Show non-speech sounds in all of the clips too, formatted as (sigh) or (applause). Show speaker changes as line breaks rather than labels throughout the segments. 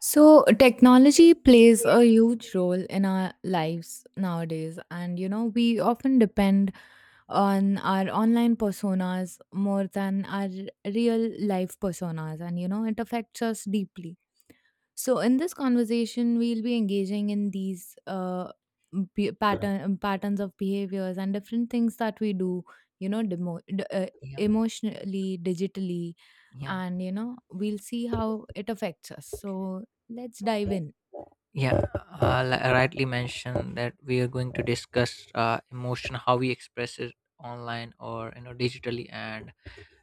So, technology plays
Yes.
a huge role in our lives nowadays, and we often depend on our online personas more than our real life personas, and it affects us deeply. So, in this conversation, we'll be engaging in these patterns of behaviors and different things that we do, you know, demo- d- uh,
yeah
emotionally, digitally,
yeah
and we'll see how it affects us. So, let's dive in.
yeah
Yeah.
Rightly mentioned that we are going to discuss emotion, how we express it online, or you know, digitally and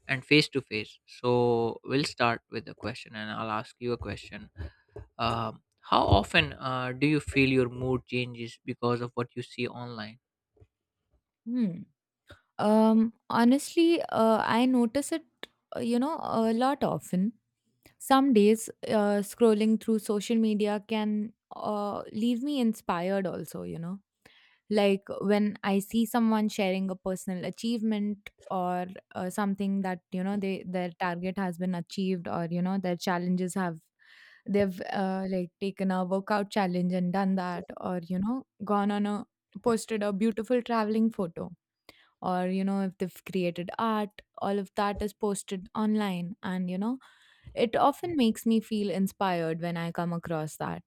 face to face. So we'll start with the question, and I'll ask you a question. um, how often do you feel your mood changes because of what you see online?
Hmm. Honestly, I notice it, a lot often. Some days, scrolling through social media can leave me inspired, also, you know. Like when I see someone sharing a personal achievement or something that they their target has been achieved, or their challenges have, they've like taken a workout challenge and done that, or you know gone on a posted a beautiful traveling photo, or if they've created art. All of that is posted online, and it
yeah
often makes me feel inspired when I come across that.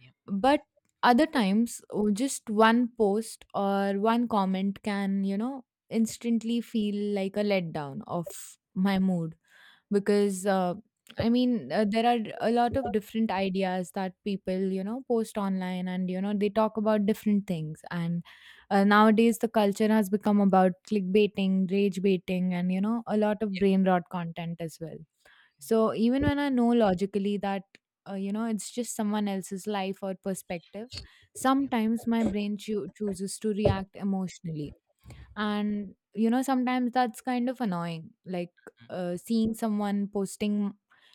yeah
But other times, oh, just one post or one comment can, instantly feel like a letdown of my mood, because there are a lot of different ideas that people post online, and they talk about different things. And nowadays the culture has become about clickbaiting, rage baiting, and a lot of brain rot content as well. So even when I know logically that it's just someone else's life or perspective,
yeah
sometimes my brain chooses to react emotionally, and sometimes that's kind of annoying. Like
mm,
seeing someone posting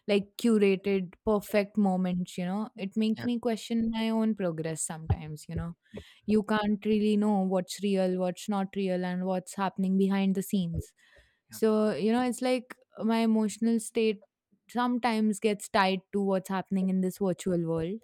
like curated perfect moments, it makes
yeah
me question my own progress sometimes. You can't really know what's real, what's not real, and what's happening behind the scenes.
yeah
So it's like my emotional state sometimes gets tied to what's happening in this virtual world.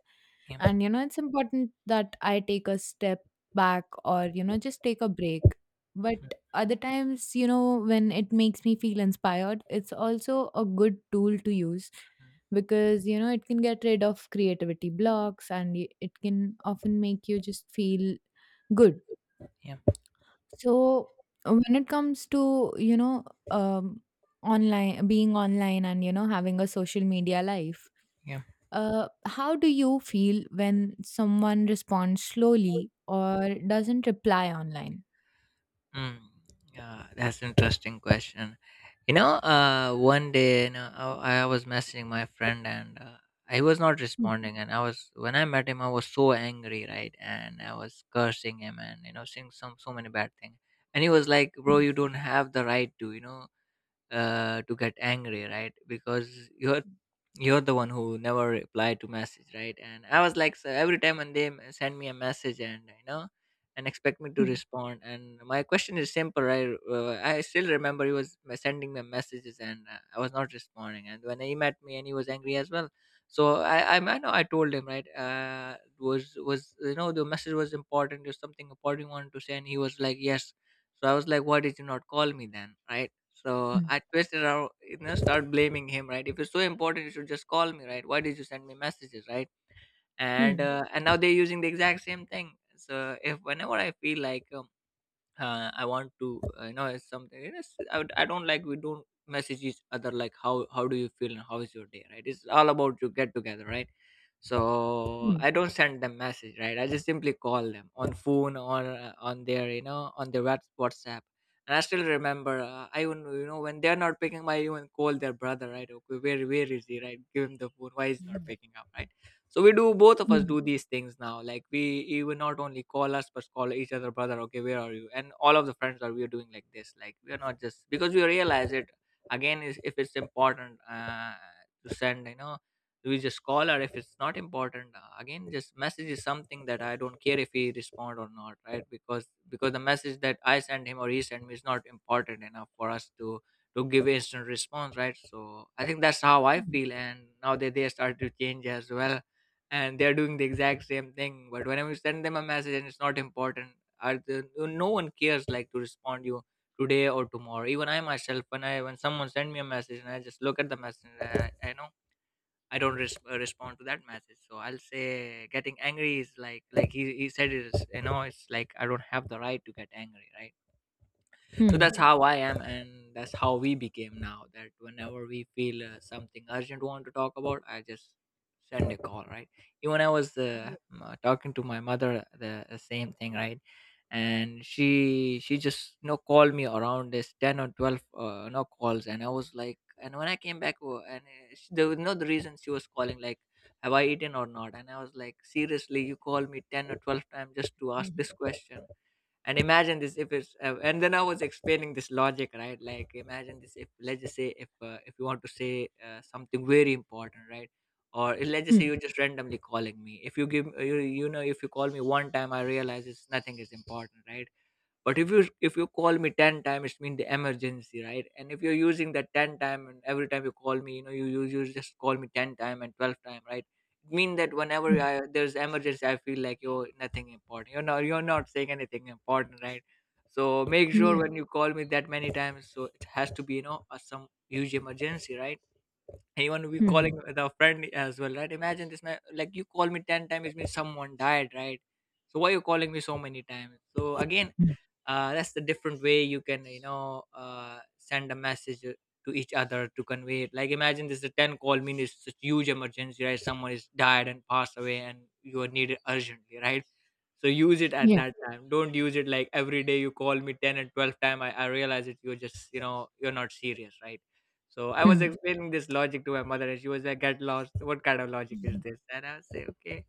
yeah
And it's important that I take a step back, or just take a break. But other times, when it makes me feel inspired, it's also a good tool to use,
mm-hmm,
because it can get rid of creativity blocks, and it can often make you just feel good.
yeah,
So when it comes to, online, being online, and, having a social media life,
yeah.
how do you feel when someone responds slowly or doesn't reply online?
Mm, yeah, that's an interesting question. You know, one day, you know, I was messaging my friend and he was not
Mm,
responding. And I was when I met him, I was so angry, right? And I was cursing him, and you know, saying some so many bad things. And he was like, "Bro,
mm,
you don't have the right to, you know, to get angry, right? Because
mm.
you're the one who never replied to message, right?" And I was like, so every time when they send me a message, and you know, and expect me to respond. And my question is simple. I still remember he was sending me messages, and I was not responding. And when he met me, and he was angry as well. So I know, I told him, right, was, you know, the message was important, there's something important you wanted to say? And he was like, yes. So I was like, why did you not call me then, right? So
Hmm.
I twisted around, you know, start blaming him, right? If it's so important, you should just call me, right? Why did you send me messages, right? And now they're using the exact same thing. So if whenever I feel like I want to you know, it's something, you know, it's, I don't like, we don't message each other like, how do you feel and how is your day, right? It's all about you get together, right? So
Hmm.
I don't send them message, right? I just simply call them on phone, or on their, you know, on their WhatsApp. And I still remember, I even, you know, when they're not picking my, even call their brother, right? Okay, where is he, right? Give him the phone, why is he not
Mhm.
picking up, right? So we do, both of us
Mhm.
do these things now, like we even not only call us but call each other brother, okay, where are you, and all of the friends are, we are doing like this, like we are. Not just because we realize it again, is if it's important to send, you know, we just call. Or if it's not important, again just message is something that I don't care if he respond or not, right? Because the message that I send him or he send me is not important enough for us to give instant response, right? So I think that's how I feel. And now that they started to change as well, and they're doing the exact same thing. But whenever you send them a message and it's not important, no one cares like to respond you today or tomorrow. Even I myself, when someone send me a message and I just look at the message, I know I don't respond to that message. So I'll say, getting angry is like he, said it is, you know, it's like, I don't have the right to get angry, right? So
Mhm.
that's how I am, and that's how we became now, that whenever we feel something urgent want to talk about, I just send a call, right? Even I was talking to my mother, the same thing, right? And she just, you know, called me around this 10 or 12 you know, calls. And I was like, and when I came back, and she, there was no, the reason she was calling like, have I eaten or not? And I was like, seriously, you call me 10 or 12 times just to ask
Mhm.
this question? And imagine this, if it's and then I was explaining this logic, right, like imagine this, if let's just say, if you want to say something very important, right? Or let's just say
Mhm.
you're just randomly calling me, if you give you, you know, if you call me one time, I realize it's nothing is important, right? But if you, if you call me 10 times, it means the emergency, right? And if you're using that 10 time, and every time you call me, you know, you just call me 10 time and 12 time, right? It mean that whenever
Mhm.
there's emergency, I feel like you're nothing important, you're not, you're not saying anything important, right? So make sure
Yeah.
when you call me that many times, so it has to be, you know, some huge emergency, right? And even we calling
Mhm.
the friend as well, right? Imagine this, man, like you call me 10 times, it means someone died, right? So why you calling me so many times? So again,
Mhm.
that's the different way, you can, you know, send a message to each other to convey it, like imagine this, is a 10 call mean, it's such huge emergency, right, someone is died and passed away and you are needed urgently, right? So use it at
Yeah.
that time, don't use it like every day you call me 10 and 12 time. I realize it, you're just, you know, you're not serious, right? So I was
Mhm.
explaining this logic to my mother, and she was like, get lost, what kind of logic is
Mhm.
this? And I was say, okay.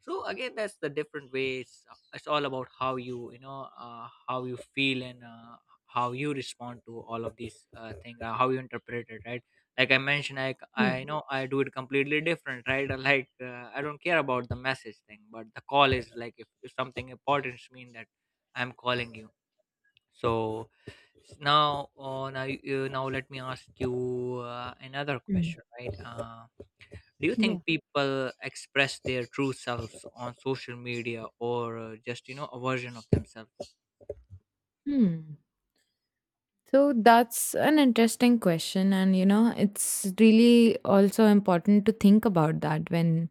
So again, that's the different ways. It's all about how you, you know, how you feel and how you respond to all of these thing, how you interpret it, right? Like I mentioned,
Yeah.
I know I do it completely different, right? (laughs) Like I don't care about the message thing, but the call is like, if something important to me, that I'm calling you. So now you, now let me ask you another
Mhm.
question, right? Do you think
Yeah.
people express their true selves on social media, or just, you know, a version of themselves?
Hmm. So that's an interesting question, and it's really also important to think about that when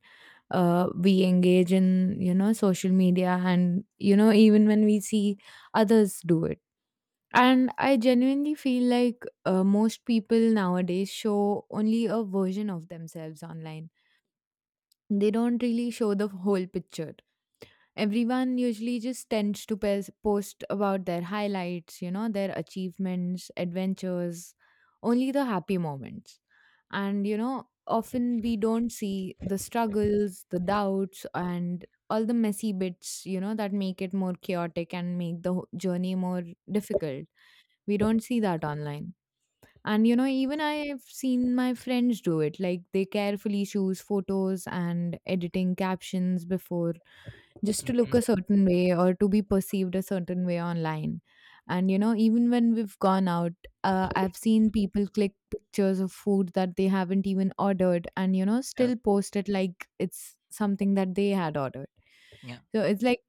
we engage in social media, and even when we see others do it. And I genuinely feel like most people nowadays show only a version of themselves online. They don't really show the whole picture. Everyone usually just tends to post about their highlights, their achievements, adventures, only the happy moments. And, often we don't see the struggles, the doubts, and all the messy bits, that make it more chaotic and make the journey more difficult. We don't see that online. And even I've seen my friends do it. Like they carefully choose photos and editing captions before, just to look a certain way or to be perceived a certain way online. And even when we've gone out, I've seen people click pictures of food that they haven't even ordered, and
Hmm.
still post it like it's something that they had ordered.
Yeah. Yeah.
So it's like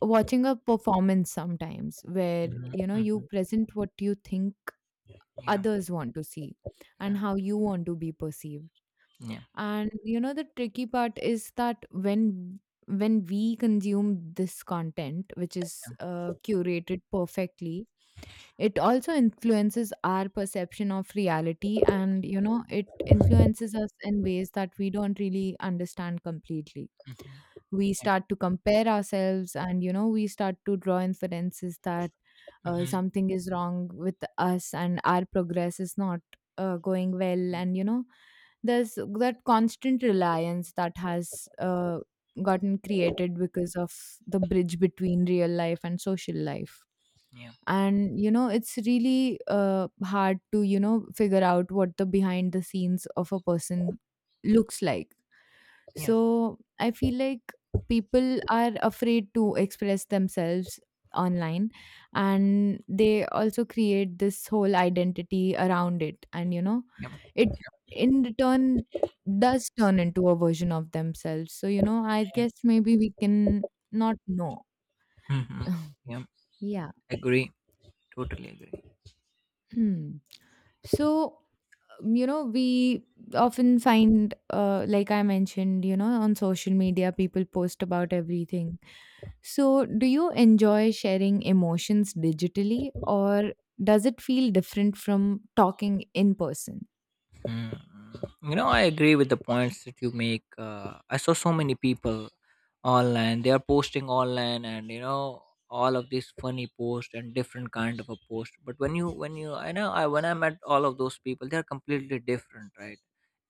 watching a performance sometimes, where
Hmm.
you
Hmm.
present what you think
Yeah.
others want to see and
Yeah.
how you want to be perceived.
Yeah.
And the tricky part is that when we consume this content, which is curated perfectly, it also influences our perception of reality, and it influences us in ways that we don't really understand completely.
Hmm.
We
Yeah.
start to compare ourselves, and we start to draw inferences that
Hmm.
something is wrong with us and our progress is not going well. And there's that constant reliance that has gotten created because of the bridge between real life and social life.
Yeah.
And it's really hard to figure out what the behind the scenes of a person looks like.
Yeah.
So I feel like people are afraid to express themselves online, and they also create this whole identity around it. And
Yeah.
it, in return, does turn into a version of themselves. So I
Yeah.
guess maybe we can not know.
Hmm.
(laughs)
Yeah.
Yeah.
Agree. Totally agree.
Hmm. So we often find, like I mentioned, on social media people post about everything. So do you enjoy sharing emotions digitally, or does it feel different from talking in person?
Mm, you know, I agree with the points that you make. I saw so many people online. They are posting online, and you know, all of these funny posts and different kind of a post. But when you, I, when I met all of those people, they are completely different, right?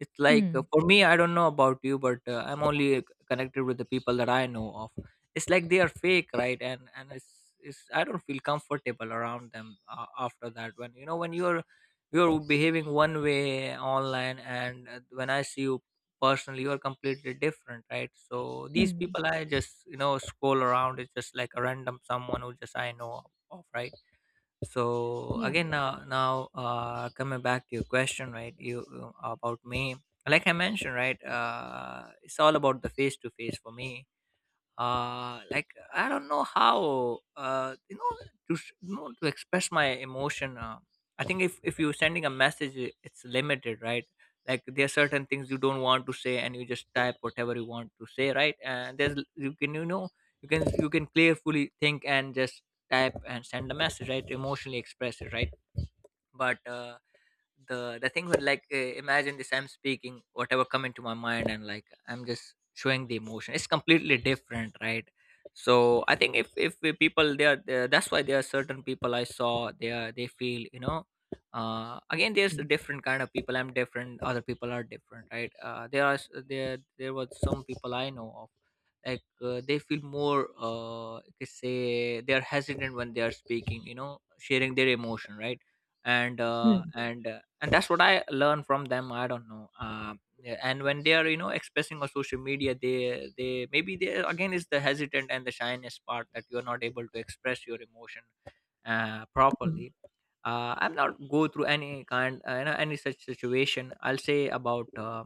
It's like
Hmm.
for me, I don't know about you, but I'm only connected with the people that I know of. It's like they are fake, right? And it's, I don't feel comfortable around them after that. When, you know, when you're behaving one way online, and when I see you personally, you're completely different, right? So these
Hmm.
people, I just, you know, scroll around, it's just like a random someone who just I know of, right? So
Yeah.
again, now coming back to your question, right, you about me. Like I mentioned, right, it's all about the face to face for me. Like I don't know how, you know, you know, to express my emotion. I think, if you're sending a message, it's limited, right? Like there are certain things you don't want to say, and you just type whatever you want to say, right? And you can, you know, you can clearly think and just type and send a message, right, emotionally express it, right? But the thing would like, imagine this, I'm speaking whatever come into my mind, and like I'm just showing the emotion, it's completely different, right? So I think, if the people they are there, that's why there are certain people I saw, they are, they feel, you know, again, there's a
Hmm.
different kind of people, I'm different, other people are different, right? There are s- there was some people I know of, like they feel more, you could say they are hesitant when they are speaking, you know, sharing their emotion, right? and uh
Hmm.
and uh, and that's what I learn from them, I don't know. Yeah, and when they are, you know, expressing on social media, they maybe, they again is the hesitant and the shyness part, that you are not able to express your emotion
Hmm.
properly. I'm not go through any kind, you know, any such situation. I'll say about uh,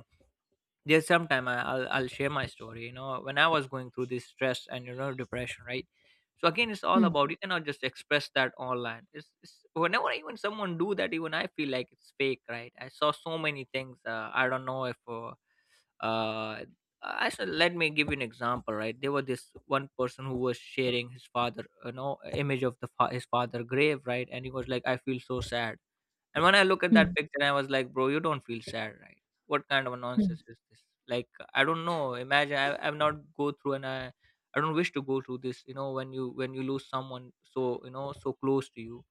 there's sometime I'll share my story, you know, when I was going through this stress and, you know, depression, right? So again, it's all
Hmm.
about you cannot just express that online. It's whenever even someone do that, even I feel like it's fake, right? I saw so many things, I don't know if uh I said. Let me give you an example, right? There was this one person who was sharing his father, you know, image of the his father grave, right? And he was like, I feel so sad. And when I look at that
Hmm.
picture, I was like, bro, you don't feel sad, right? What kind of a
Hmm.
nonsense is this? Like, I don't know. Imagine I've not go through, and I don't wish to go through this. You know, when you lose someone so, you know, so close to you,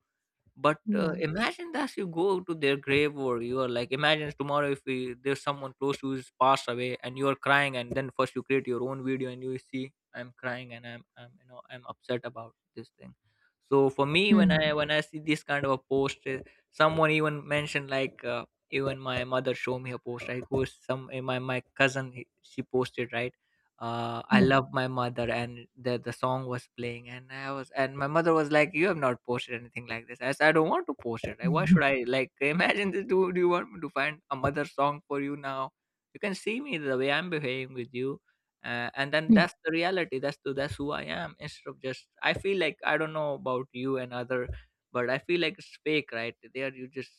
but
Yeah.
imagine that you go to their grave, or you are like, imagine tomorrow if we, there's someone close to who's passed away and you are crying, and then first you create your own video and you see I'm crying, and I'm, you know, I'm upset about this thing. So for me, when
Hmm.
i see this kind of a post, someone even mentioned like, even my mother showed me a post. I go some my my cousin she posted, right? Uh, I
Hmm.
love my mother, and the song was playing, and I was, and my mother was like, "You have not posted anything like this." I said, "I don't want to post it. Like, why
Hmm.
should I? Like, (laughs) imagine this. Do you want me to find a mother song for you now? You can see me the way I'm behaving with you." And then
Hmm.
that's the reality. That's the, that's who I am. Instead of just, I feel like I don't know about you and other, but I feel like it's fake, right? There you just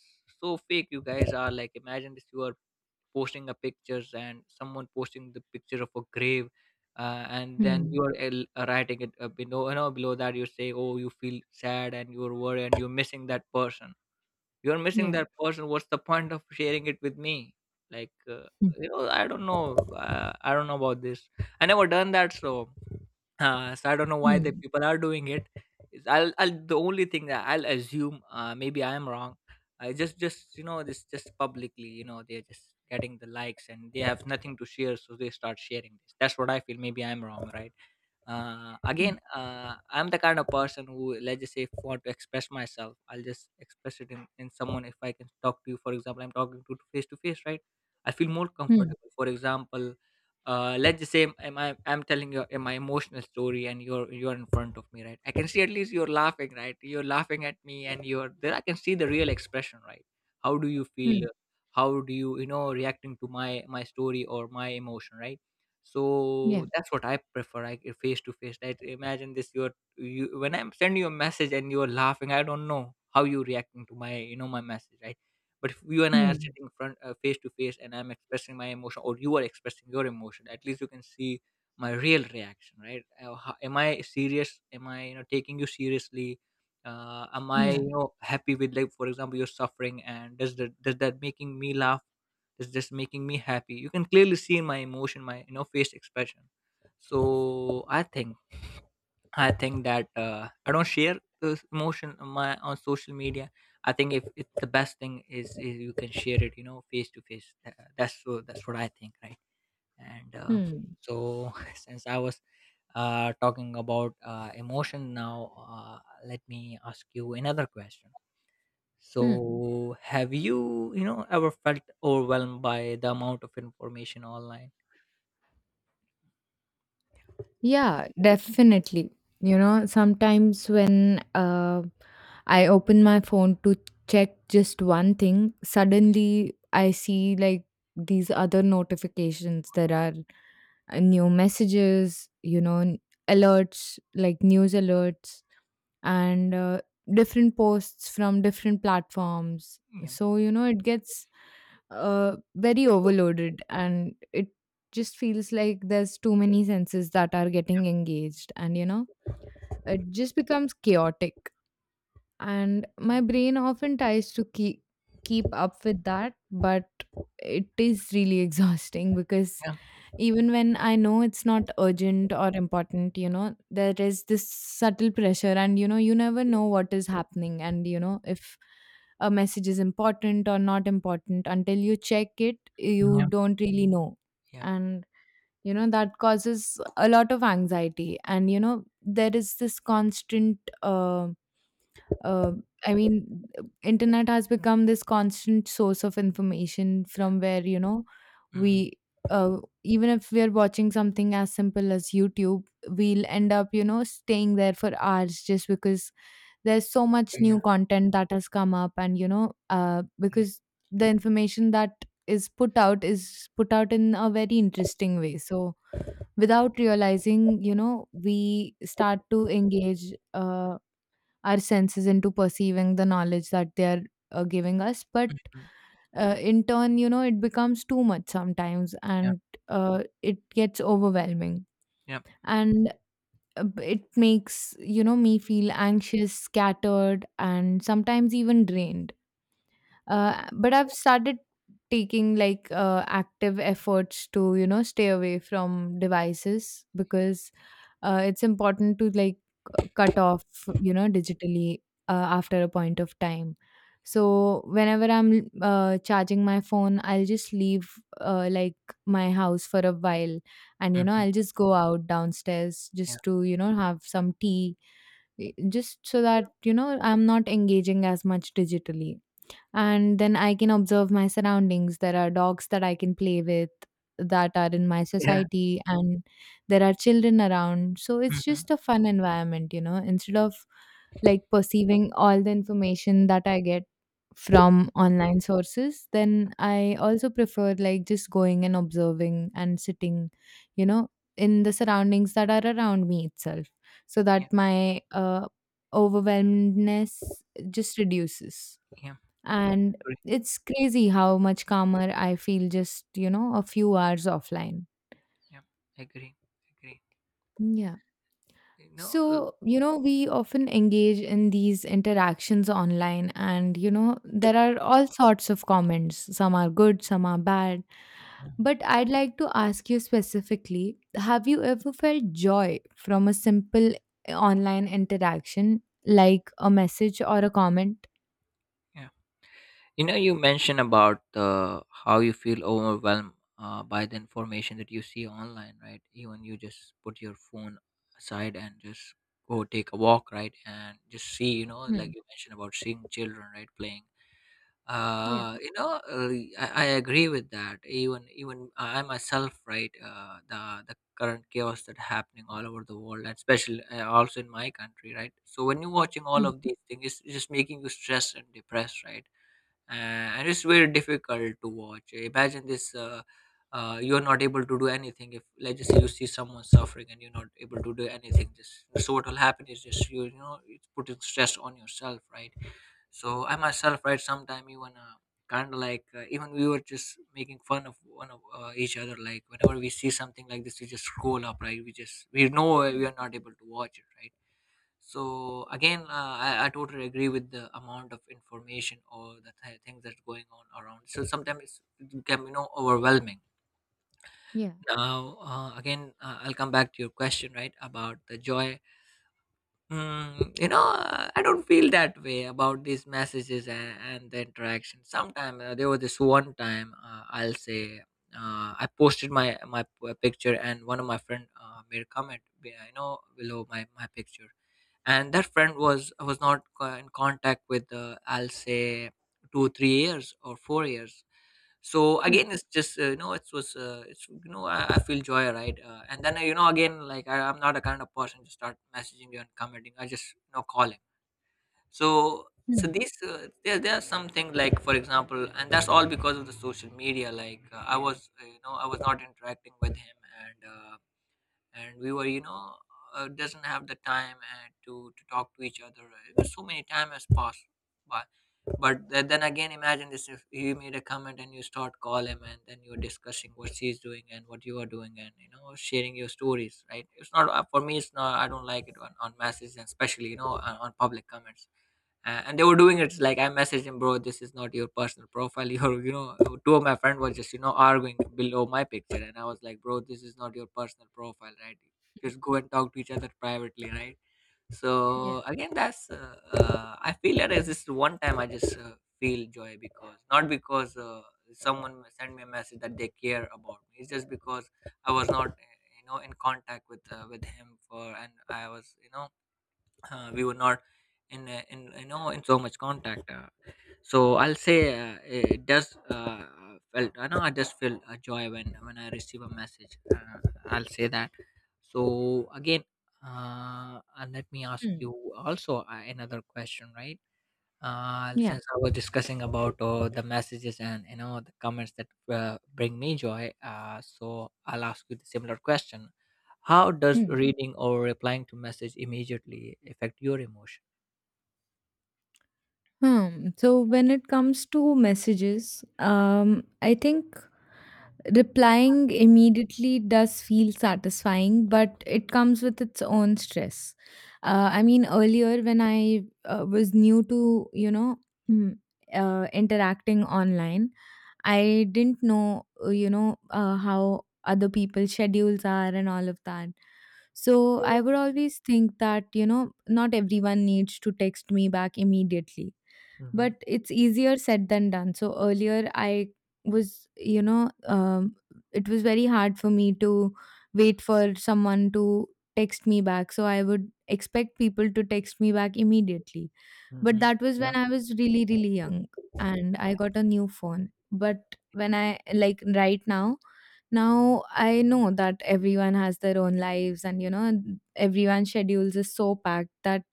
so fake. You guys are like, imagine this. You are posting a pictures and someone posting the picture of a grave, and then
Hmm.
you are writing it, below, you know, below that, you say, oh, you feel sad and you're worried and you're missing that person. You're missing
Yeah.
that person. What's the point of sharing it with me? Like,
Hmm.
you know, I don't know. I don't know about this. I never done that. So so I don't know why the
Hmm.
people are doing it. Is I'll the only thing that I'll assume, maybe I am wrong. I just, you know, this just publicly, you know, they're just getting the likes and they have nothing to share, so they start sharing this. That's what I feel. Maybe I'm wrong, right? Uh,
Hmm.
again, I'm the kind of person who, let's just say, if I want to express myself, I'll just express it in someone. If I can talk to you, for example, I'm talking to face to face, right? I feel more
Hmm.
comfortable. For example, let's just say I'm telling you, my emotional story, and you're in front of me, right? I can see at least you're laughing, right? You're laughing at me and you're there. I can see the real expression, right? How do you feel? How do you, you know, reacting to my story or my emotion, right?
Yeah.
So that's what I prefer. I face to face that, imagine this, you when I'm sending you a message and you're laughing, I don't know how you're reacting to my, you know, my message, right? But if you and I are
Hmm.
sitting front, face to face, and I'm expressing my emotion, or you are expressing your emotion, at least you can see my real reaction, right? Am I serious? Am i, you know, taking you seriously? Uh, am i,
Yeah.
you know, happy with, like, for example, you're suffering, and does that making me laugh? It's just making me happy. You can clearly see my emotion, my, you know, face expression. So i think that I don't share this emotion on my on social media. I think if it, the best thing is you can share it, you know, face to face. That's what I think, right? And
Hmm.
so (laughs) since I was talking about emotion now, let me ask you another question.
Hmm.
So, have you, you know, ever felt overwhelmed by the amount of information online?
Yeah, definitely. You know, sometimes when I open my phone to check just one thing, suddenly I see like these other notifications. There are new messages, alerts, like news alerts, and different posts from different platforms.
Yeah,
So, it gets very overloaded, and it just feels like there's too many senses that are getting engaged, and it just becomes chaotic. And my brain often tries to keep up with that, but it is really (laughs) exhausting, because
yeah,
even when I know it's not urgent or important, there is this subtle pressure, and you never know what is happening, and if a message is important or not important until you check it,
yeah,
you
yeah,
don't really know.
yeah,
And that causes a lot of anxiety, and there is this constant, uh, I mean, internet has become this constant source of information
yeah.
from where,
Mhm,
we, uh, even if we are watching something as simple as YouTube, we'll end up, staying there for hours just because there's so much
yeah,
new content that has come up. And,
yeah,
because the information that is put out in a very interesting way. So, without realizing, we start to engage. Our senses into perceiving the knowledge that they are giving us, but
mm,
in turn it becomes too much sometimes,
yeah,
and it gets overwhelming.
yeah.
And it makes me feel anxious, scattered, and sometimes even drained. But I've started taking like active efforts to stay away from devices, because it's important to like cut off digitally after a point of time. So whenever I'm charging my phone, I'll just leave uh, like my house for a while, and
Mhm.
I'll just go out downstairs
Yeah,
just to have some tea, just so that I'm not engaging as much digitally. And then I can observe my surroundings. There are dogs that I can play with that are in my
yeah,
society, and there are children around, so it's
mhm,
just a fun environment, instead of like perceiving all the information that I get from online sources. Then I also prefer like just going and observing and sitting, you know in the surroundings that are around me itself, so
yeah,
that my overwhelmedness just reduces.
yeah,
And
agree,
it's crazy how much calmer I feel just, a few hours offline.
yeah, agree, agree.
Yeah.
You know,
So, we often engage in these interactions online, and, there are all sorts of comments. Some are good, some are bad. But I'd like to ask you specifically, have you ever felt joy from a simple online interaction, like a message or a comment?
yeah. You know, you mentioned about, how you feel overwhelmed, by the information that you see online, right? Even you just put your phone aside and just go take a walk, right? And just see, you know,
Hmm.
like you mentioned about seeing children, right, playing
Yeah.
uh you know uh, I agree with that. Even even I myself, right, uh, the current chaos that happening all over the world, and especially also in my country, right? So when you're watching all
Hmm.
of these things, it's just making you stressed and depressed, right? Uh, and it's very difficult to watch. Imagine this, you're not able to do anything. If let's just say you see someone suffering and you're not able to do anything, just so what will happen is just you, you know, it's putting stress on yourself, right? So I myself, right, sometime even, kind of like, even we were just making fun of one of, each other. Like, whenever we see something like this, we just scroll up, right? We just we know we are not able to watch it, right? So again, I totally agree with the amount of information or the things that's going on around. So sometimes it can be, you know, overwhelming.
Yeah.
Now, again, I'll come back to your question, right, about the joy. Mm, you know, I don't feel that way about these messages and the interaction. Sometime there was this one time, I'll say, I posted my picture, and one of my friend, made a comment, you know, below my picture, and that friend was not in contact with, I'll say 2 3 years or 4 years, so
Hmm.
again it's just, you know, it was, it's, you know, I feel joy, right? Uh, and then, you know, again, like, I, I'm not a kind of person to start messaging you and commenting. I just, you know, call him. So so
Hmm.
these, there, there are something like, for example, and that's all because of the social media. Like, I was, you know, I was not interacting with him, and uh, and we were, you know, doesn't have the time, to talk to each other, right? It so many time has passed by. But then again, imagine this, if you made a comment and you start call him, and then you're discussing what she's doing and what you are doing, and, you know, sharing your stories, right? It's not, for me, it's not, I don't like it on messages, and especially, you know, on public comments. And they were doing it. Like, I messaged him, bro, this is not your personal profile. (laughs) Your, you know, two of my friends were just, you know, arguing below my picture, and I was like, bro, this is not your personal profile, right? Just go and talk to each other privately, right?
Yeah.
So again, that's, I feel that is this one time I just, feel joy. Because not because, someone sent me a message that they care about me. It's just because I was not, you know, in contact with, with him for, and I was, you know, we were not in, in, you know, in so much contact, so I'll say, it does, felt, I know, I just feel a joy when i receive a message, I'll say that. So again, and let me ask
Hmm.
you also, another question, right? Uh,
Yeah.
since I was discussing about, the messages and, you know, the comments that, bring me joy, so I'll ask you the similar question: how does
Hmm.
reading or replying to message immediately affect your emotion?
Hmm. So when it comes to messages, I think replying immediately does feel satisfying, but it comes with its own stress. Earlier, when I was new to, mm, interacting online, I didn't know, how other people's schedules are and all of that. So I would always think that, not everyone needs to text me back immediately, but
Mm-hmm.
it's easier said than done. So earlier I was, it was very hard for me to wait for someone to text me back. So I would expect people to text me back immediately. But
Mm-hmm.
that was when
Yeah,
I was really, really young, and I got a new phone. But when I like right now, now I know that everyone has their own lives and, you know, everyone's schedules is so packed that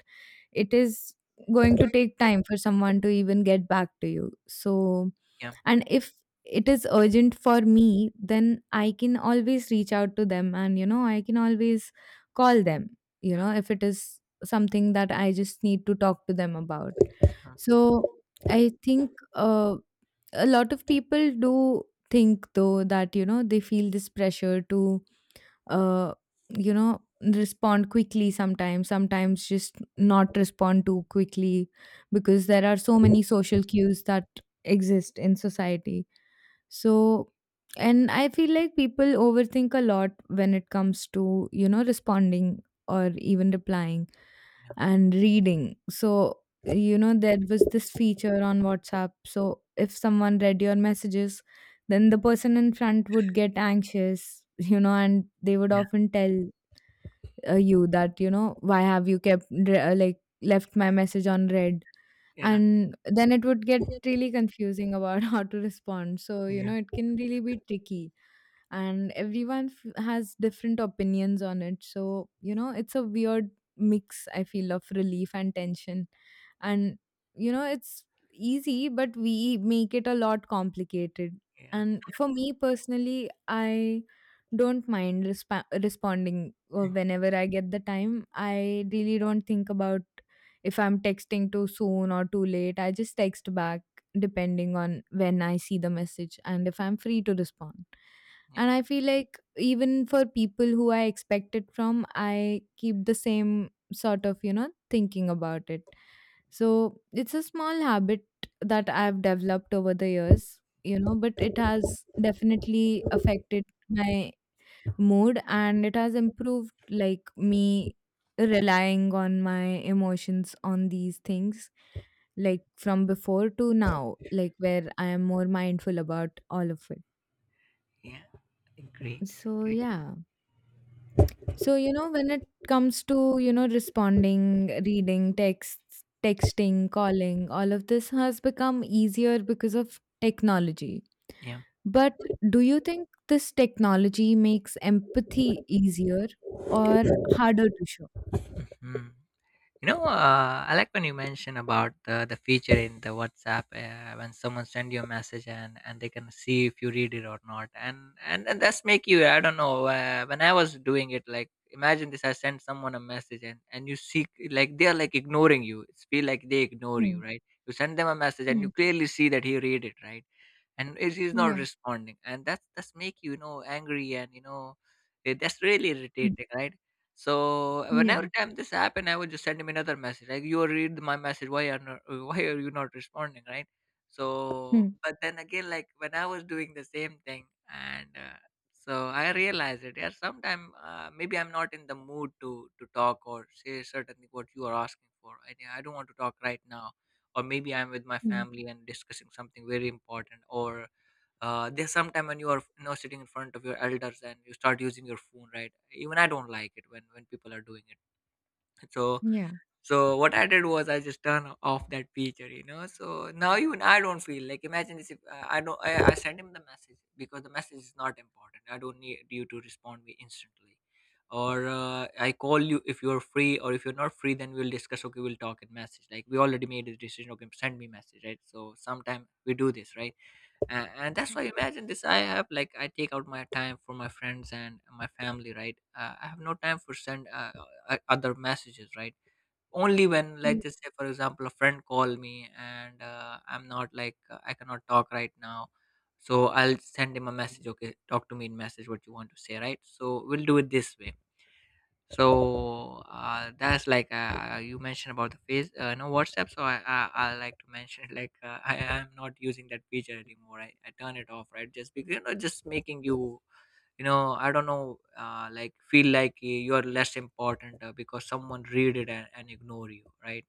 it is going to take time for someone to even get back to you. So,
yeah,
and if it is urgent for me, then I can always reach out to them, and you know I can always call them
yeah,
if it is something that I just need to talk to them about.
yeah.
So I think a lot of people do think though that, you know, they feel this pressure to uh, respond quickly, sometimes, sometimes just not respond too quickly, because there are so many social cues that exist in society. So, and I feel like people overthink a lot when it comes to, you know, responding or even replying and reading. So, you know, there was this feature on WhatsApp. So, if someone read your messages, then the person in front would get anxious, you know, and they would
Yeah, yeah,
often tell you that, you know, why have you kept re- like left my message on read?
yeah.
And then it would get really confusing about (laughs) how to respond. So you
Yeah.
know it can really be tricky, and has different opinions on it, so you know it's a weird mix I feel of relief and tension. And you know it's easy, but we make it a lot complicated.
Yeah.
And for me personally, I don't mind responding whenever I get the time. I really don't think about if I'm texting too soon or too late, I just text back depending on when I see the message and if I'm free to respond.
Yeah.
And I feel like even for people who I expect it from, I keep the same sort of, you know, thinking about it. So it's a small habit that I've developed over the years, you know, but it has definitely affected my mood, and it has improved like me relying on my emotions on these things, like from before to now, like where I am more mindful about all of it.
Yeah. Agree.
So
Agree.
yeah. So you know, when it comes to, you know, responding, reading texts, texting, calling, all of this has become easier because of technology.
Yeah.
But do you think this technology makes empathy easier or harder to show?
Hmm. I like when you mention about the feature in the WhatsApp when someone send you a message and they can see if you read it or not, and and that's make you I don't know when I was doing it, like imagine this, I send someone a message and you see like they are like ignoring you, it's feel like they ignore you,
Mm,
right? You send them a message and you
mm,
clearly see that he read it, right? And it is not
yeah,
responding, and that's make you, you know angry, and that's really
mm,
irritating, right? So
yeah,
whenever time this happened, I would just send him another message like, "You read my message. Why are not, why are you not responding?" Right. So,
mm,
but then again, like when I was doing the same thing, and so I realized it. Yeah, sometime maybe I'm not in the mood to talk or say certainly what you are asking for. I don't want to talk right now, or maybe I'm with my
mm,
family and discussing something very important, or there's sometime when you are, sitting in front of your elders and you start using your phone, right? Even I don't like it when people are doing it. (laughs) so
yeah,
so what I did was I just turned off that feature, so now even I don't feel like. Imagine this, if I don't I send him the message, because the message is not important, I don't need you to respond me instantly, or I call you if you're free, or if you're not free, then we'll discuss, okay we'll talk in message, like we already made a decision, okay send me message, right? So sometime we do this, right? And that's why, imagine this, I have like, I take out my time for my friends and my family, right? I have no time for send other messages, right? Only when,
mm,
let's just say for example, a friend call me, and I'm not like, I cannot talk right now, so I'll send him a message, okay talk to me in message what you want to say, right? So we'll do it this way. So that's like, you mentioned about the face, no, WhatsApp, so I like to mention like, I am not using that feature anymore. I turn it off, right? Just because, just making you, you know I don't know, like feel like you are less important, because someone read it and ignore you, right?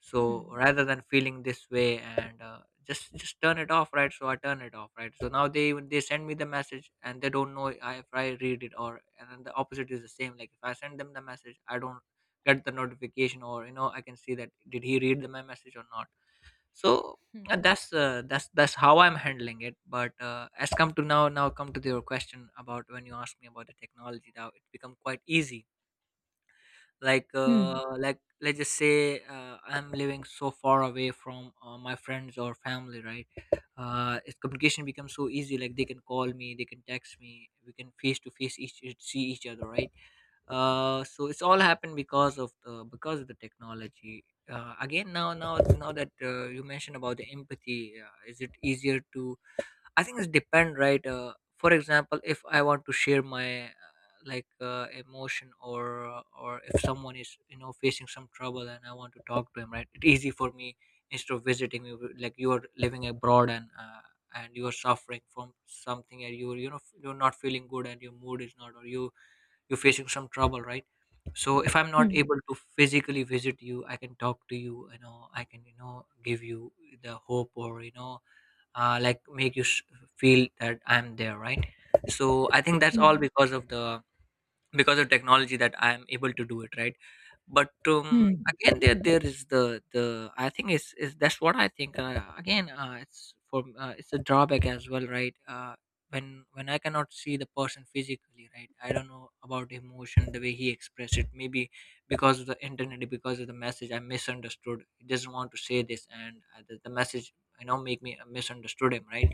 So
mm,
rather than feeling this way, and just turn it off, right? So I turn it off, right? So now they, even they send me the message and they don't know if I read it or, and then the opposite is the same, like if I send them the message, I don't get the notification, or I can see that, did he read my message or not. So
mm,
that's that's how I'm handling it. But as come to now, come to your question about when you asked me about the technology, now it's become quite easy. Like
mm,
like let's just say, I'm living so far away from my friends or family, right? It's communication becomes so easy, like they can call me, they can text me, we can face to face each see each other, right? So it's all happened because of the technology. Again, now that you mentioned about the empathy, is it easier to? I think it's depend, right? For example, if I want to share my like emotion, or if someone is, facing some trouble and I want to talk to him, right? It's easy for me instead of visiting you. Like you are living abroad, and. And you are suffering from something and you're, you're not feeling good and your mood is not, or you, you're facing some trouble, right? So if I'm not
mm,
able to physically visit you, I can talk to you, you know I can, give you the hope, or like make you feel that I'm there, right? So I think that's all
mm,
because of technology, that I'm able to do it, right? But
mm,
again, there is the I think it's, is that's what I think. Again, it's for it's a drawback as well, right? When I cannot see the person physically, right? I don't know about the emotion, the way he expressed it. Maybe because of the internet, because of the message, I misunderstood, he doesn't want to say this, and the message, make me misunderstood him, right?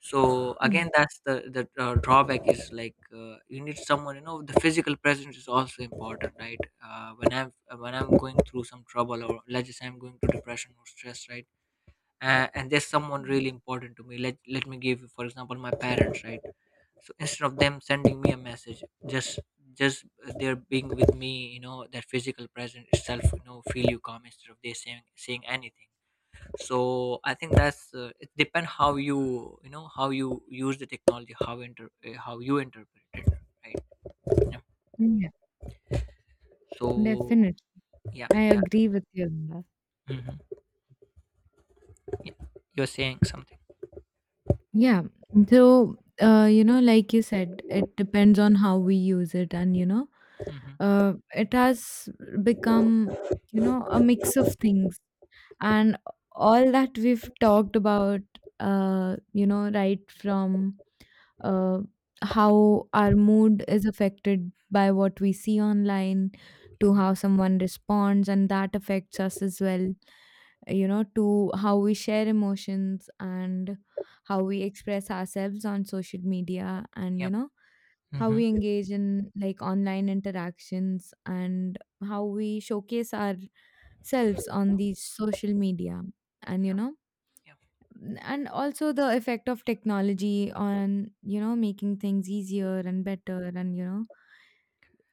So again,
mm,
that's the drawback is like, you need someone, the physical presence is also important, right? When I'm when I'm going through some trouble, or let's just say I'm going through depression or stress, right? And there's someone really important to me, let me give you for example my parents, right? So instead of them sending me a message, just just they're being with me, that physical presence itself, feel you calm, instead of they saying anything. So I think that's it depends how you, you know how you use the technology, how inter how you interpret it, right? Yeah.
mm, yeah,
So
definitely.
yeah,
I
yeah.
agree with you on that.
Hmm. Yeah. You're saying something.
Yeah. So, you know, like you said, it depends on how we use it, and you know,
Hmm.
it has become, you know, a mix of things, and all that we've talked about, you know, right from uh, how our mood is affected by what we see online,
Yeah.
to
Mm-hmm.
how someone responds and that affects us as well, you know, to how we share emotions and how we express ourselves on social media, and you
Yeah.
know, how
Mm-hmm.
we engage in like online interactions, and how we showcase ourselves on these social media, and you know,
Yeah.
and also the effect of technology on, you know, making things easier and better, and you know,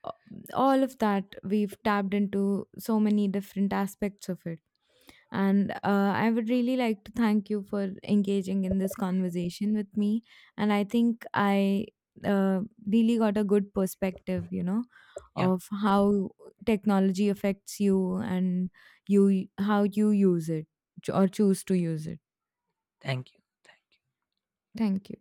all of that. We've tapped into so many different aspects of it, and I would really like to thank you for engaging in this conversation with me. And I think I uh, really got a good perspective, you know,
Yeah.
of how technology affects you, and you how you use it or choose to use it.
Thank you, thank you.
Thank you.